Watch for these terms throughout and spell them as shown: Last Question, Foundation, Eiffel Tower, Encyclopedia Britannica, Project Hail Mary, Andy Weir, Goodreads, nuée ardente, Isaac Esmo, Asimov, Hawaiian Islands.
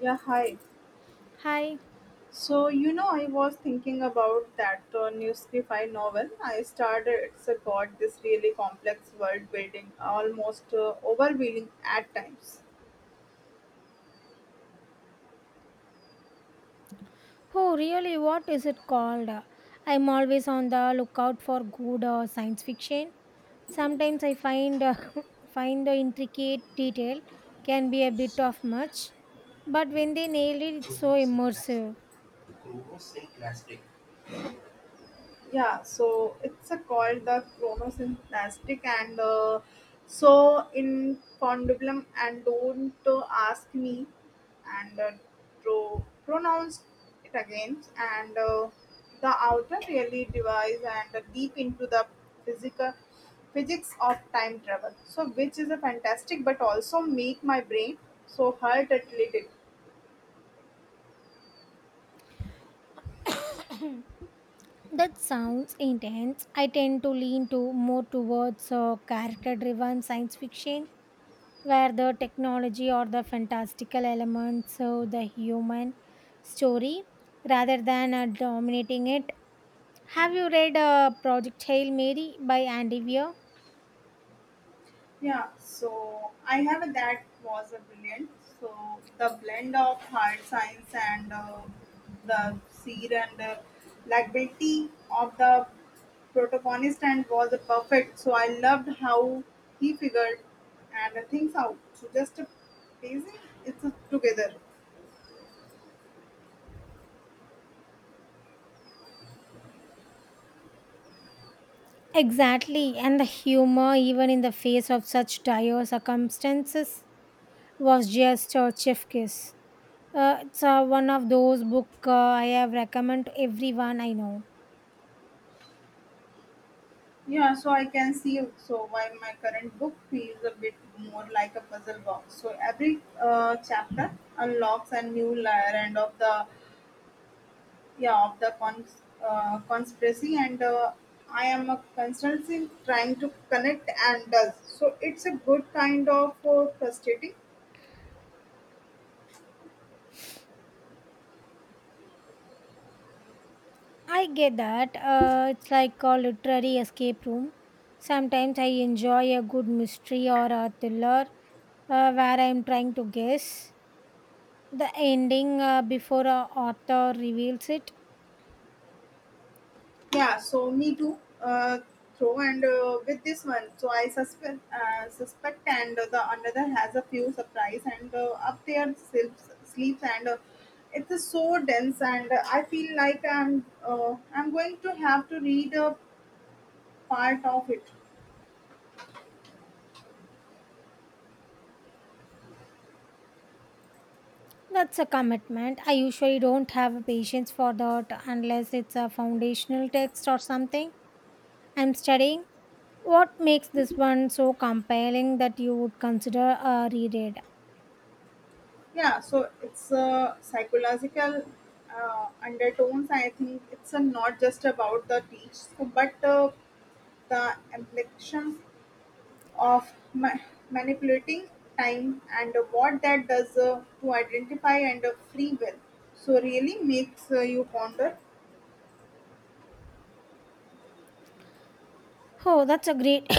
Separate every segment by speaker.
Speaker 1: Yeah, hi.
Speaker 2: Hi.
Speaker 1: I was thinking about that new novel I started. It's got this really complex world building, almost overwhelming at times.
Speaker 2: Oh, really? What is it called? I'm always on the lookout for good science fiction. Sometimes I find find the intricate detail can be a bit of much, but when they nail it, it's so immersive.
Speaker 1: Yeah so it's a called the chronosynthistic and so in condylum and don't ask me and to pronounce it again and the outer really divides and deep into the physical physics of time travel so which is a fantastic but also make my brain so hurt a little.
Speaker 2: That sounds intense. I tend to lean to more towards character-driven science fiction where the technology or the fantastical elements serve the human story rather than dominating it. Have you read Project Hail Mary by Andy Weir?
Speaker 1: Yeah, so I have a, that was a brilliant. So the blend of hard science and the seer and likability of the protagonist and was a perfect. So I loved how he figured and things out. So just a pacing, it's together.
Speaker 2: Exactly, and the humor, even in the face of such dire circumstances, was just a chef kiss. It's One of those book I have recommend to everyone I know.
Speaker 1: Yeah, so I can see so why my current book feels a bit more like a puzzle box. So every chapter unlocks a new layer and of the yeah of the conspiracy and I am a constantly trying to connect and does so it's a good kind of frustrating.
Speaker 2: I get that. It's like a literary escape room. Sometimes I enjoy a good mystery or a thriller where I'm trying to guess the ending before a author reveals it.
Speaker 1: Yeah so me too throw and with this one so I suspect and the another has a few surprise and up there sleeps and it's so dense and I feel like I'm going to have to read a part of it.
Speaker 2: That's a commitment. I usually don't have patience for that unless it's a foundational text or something I'm studying. What makes this one so compelling that you would consider a reread?
Speaker 1: Yeah, so it's a psychological undertones. I think it's a, not just about the teach, so, but the implication of manipulating time and what that does to identify and free will. So really makes you ponder.
Speaker 2: Oh, that's a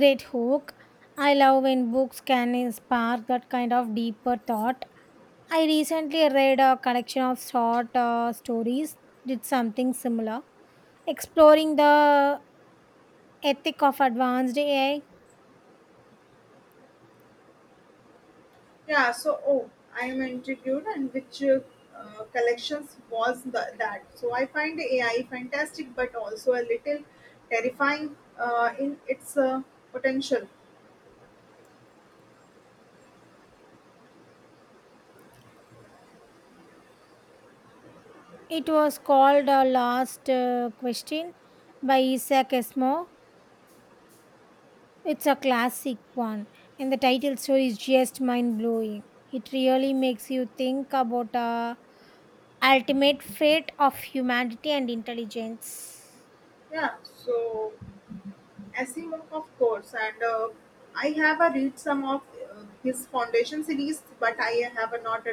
Speaker 2: great hook. I love when books can spark that kind of deeper thought. I recently read a collection of short stories, did something similar, exploring the ethic of advanced AI.
Speaker 1: Yeah, so oh, I'm intrigued, and which collections was the, that? So I find AI fantastic, but also a little terrifying in its potential.
Speaker 2: It was called Last Question by Isaac Esmo. It's a classic one, and the title story is just mind blowing. It really makes you think about the ultimate fate of humanity and intelligence.
Speaker 1: Yeah, so Asimov, of course, and I have read some of his Foundation series, but I have not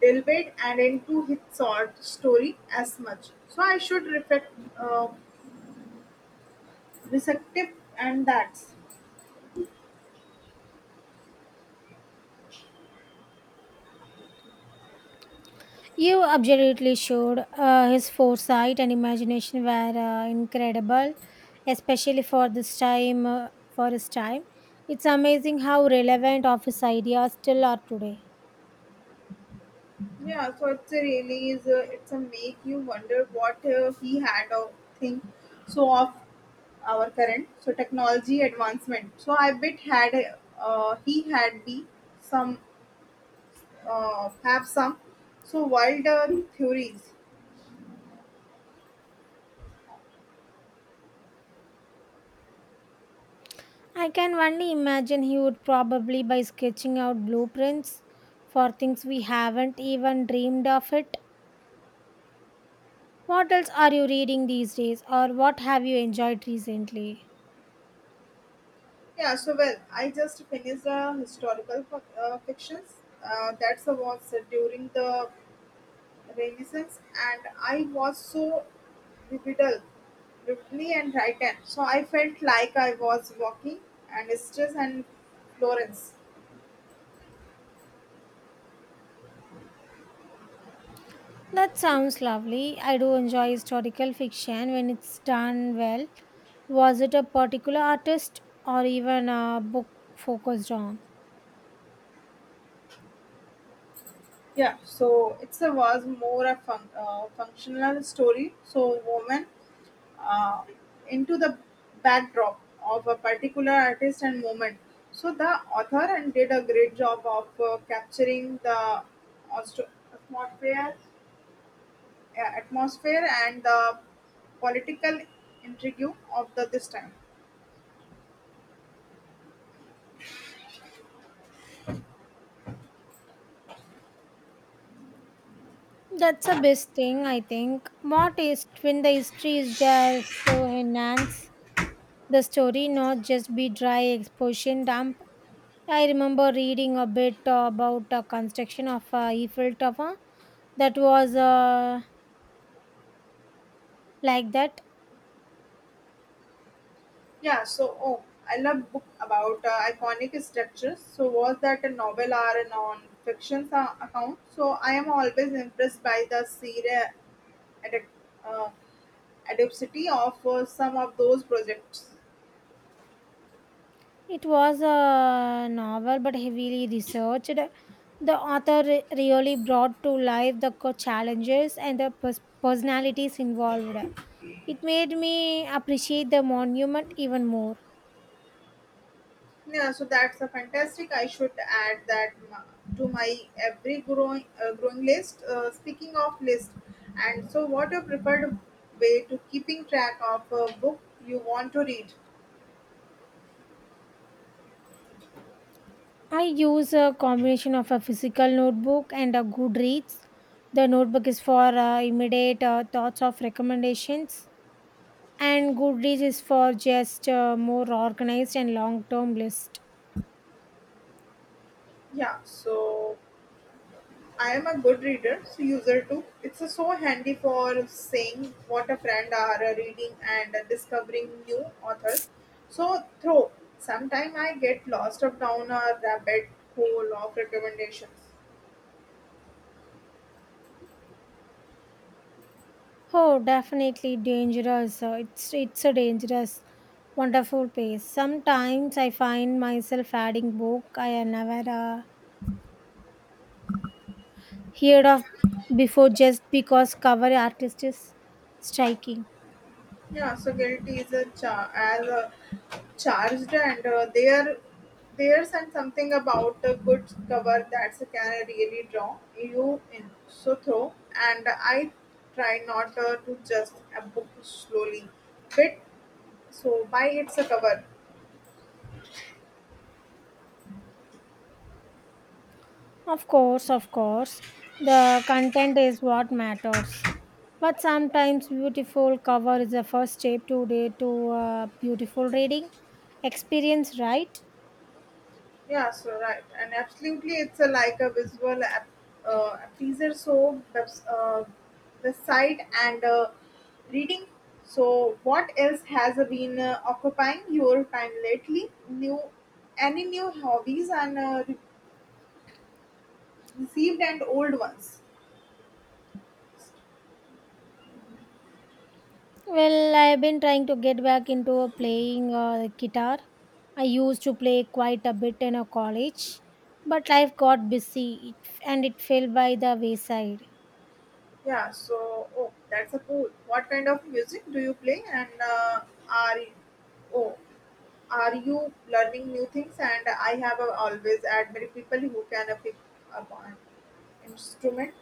Speaker 1: delved and into his short story as much. So I should reflect uh, receptive and that.
Speaker 2: You absolutely should. His foresight and imagination were incredible, especially for this time. For his time, it's amazing how relevant of his ideas still are today.
Speaker 1: Yeah, so it's a really is it's a make you wonder what he had or think so of our current so technology advancement. So I bet had he had be some have some so wilder theories.
Speaker 2: I can only imagine he would probably by sketching out blueprints for things we haven't even dreamed of it. What else are you reading these days or what have you enjoyed recently?
Speaker 1: Yeah, so well I just finished a historical fictions that was during the Renaissance and I was so vivid Ripley and Titan. So I felt like I was walking and Estes and Florence.
Speaker 2: That sounds lovely. I do enjoy historical fiction when it's done well. Was it a particular artist or even a book focused on?
Speaker 1: Yeah, so it's a was more a fun, functional story. So woman uh, into the backdrop of a particular artist and moment. So the author and did a great job of capturing the atmosphere, atmosphere and the political intrigue of the this time.
Speaker 2: That's the best thing, I think. What is when the history is just to enhance the story not just be dry exposition dump. I remember reading a bit about the construction of Eiffel Tower that was like that.
Speaker 1: Yeah, so oh, I love book about iconic structures. So was that a novel or a non-fiction account? So I am always impressed by the serial adapt- uh, adaptability of some of those projects.
Speaker 2: It was a novel but heavily researched. The author really brought to life the challenges and the personalities involved. It made me appreciate the monument even more.
Speaker 1: Yeah, so that's a fantastic. I should add that to my every growing list. Speaking of list, and so what your preferred way to keeping track of a book you want to read?
Speaker 2: I use a combination of a physical notebook and a Goodreads. The notebook is for immediate thoughts of recommendations, and Goodreads is for just more organized and long-term list.
Speaker 1: Yeah, so I am a good reader, so user too. It's a so handy for saying what a friend are reading and discovering new authors. So through sometime I get lost up down a rabbit hole of recommendations.
Speaker 2: Oh, definitely dangerous. It's a dangerous, wonderful place. Sometimes I find myself adding book I had never heard of before just because cover artist is striking.
Speaker 1: Yeah, so guilty is a char- as a charged, and there's and something about a good cover that's can really draw you in. So throw, and I try not to just a book slowly, bit so by its a cover.
Speaker 2: Of course, of course. The content is what matters. But sometimes beautiful cover is the first step to day to a beautiful reading experience, right?
Speaker 1: Yeah, so right, and absolutely, it's a like a visual pleaser. So uh, the site and reading. So what else has been occupying your time lately? New, any new hobbies and received and old ones.
Speaker 2: Well, I've been trying to get back into playing guitar. I used to play quite a bit in a college, but life got busy and it fell by the wayside.
Speaker 1: Yeah, so oh, that's a cool. What kind of music do you play and are you? Oh, are you learning new things and I have always admired people who can pick up an instrument.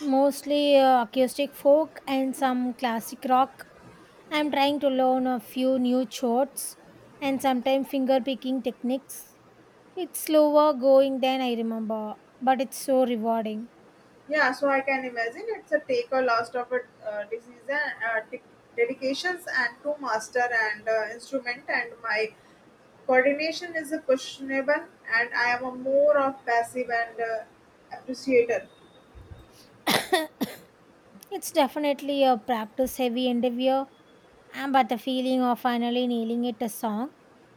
Speaker 2: Mostly acoustic folk and some classic rock. I'm trying to learn a few new chords and sometimes finger picking techniques. It's slower going than I remember, but it's so rewarding.
Speaker 1: Yeah so I can imagine it's a take a lot of a disease and dedications and to master and instrument and my coordination is a questionable and I am a more of passive and appreciator.
Speaker 2: It's definitely a practice heavy endeavor, and but the feeling of finally nailing it a song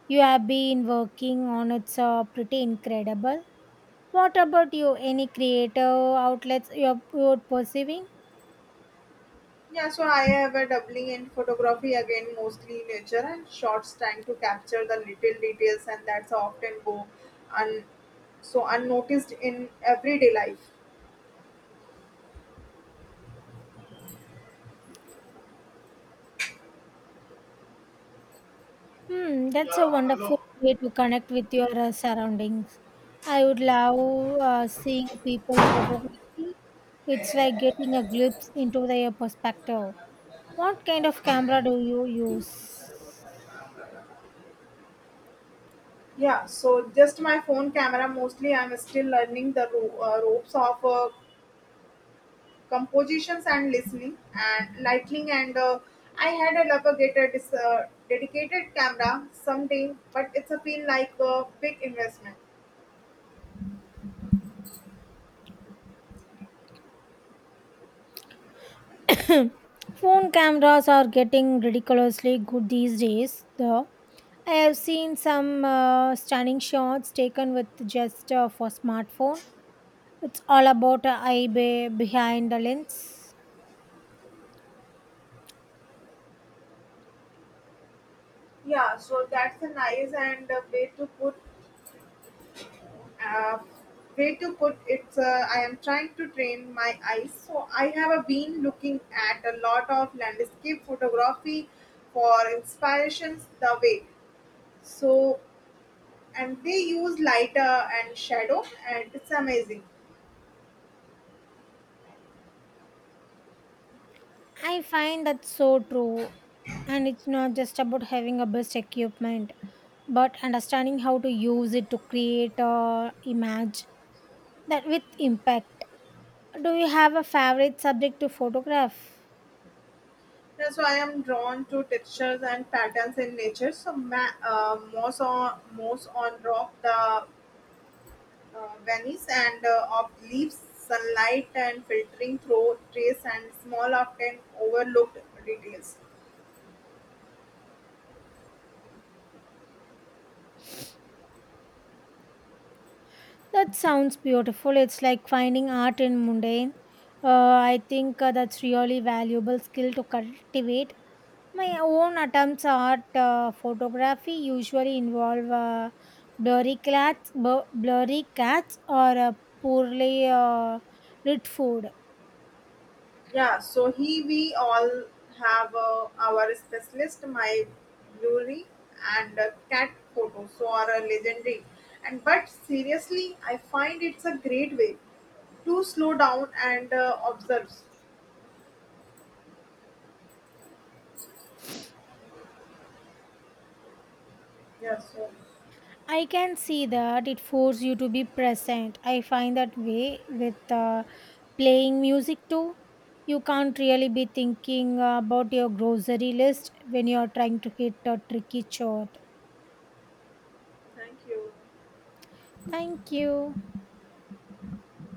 Speaker 2: you have been working on it's pretty incredible. What about you? Any creative outlets you're pursuing?
Speaker 1: Yeah, so I have a doubling in photography again, mostly nature and shots, trying to capture the little details, and that's often go un- so unnoticed in everyday life.
Speaker 2: Hmm, that's a wonderful way to connect with your surroundings. I would love seeing people photography. It's like getting a glimpse into their perspective. What kind of camera do you use?
Speaker 1: Yeah, so just my phone camera mostly. I'm still learning the ropes of compositions and listening and lighting, and I had a propagated dedicated camera someday, but it's a feel like a big investment.
Speaker 2: Phone cameras are getting ridiculously good these days, though. I have seen some stunning shots taken with just for smartphone. It's all about eye behind the lens.
Speaker 1: Yeah, so that's a nice and a uh, way to put it, I am trying to train my eyes. So I have been looking at a lot of landscape photography for inspirations the way. So and they use lighter and shadow and it's amazing.
Speaker 2: I find that so true. And it's not just about having a best equipment, but understanding how to use it to create a image that with impact. Do you have a favorite subject to photograph?
Speaker 1: That's why I am drawn to textures and patterns in nature. So most on rock the vanice and of leaves, sunlight, and filtering through trace and small often overlooked details.
Speaker 2: That sounds beautiful. It's like finding art in mundane. Uh, I think that's really valuable skill to cultivate. My own attempts at photography usually involve blurry cats, blurry cats, or poorly lit food.
Speaker 1: Yeah, so he we all have our specialist, my brewery and cat photos, so are legendary. And but seriously, I find it's a great way to slow down and observe. Yeah, so
Speaker 2: I can see that it forces you to be present. I find that way with uh, playing music too. You can't really be thinking about your grocery list when you are trying to hit a tricky chord.
Speaker 1: thank you.
Speaker 2: Thank you.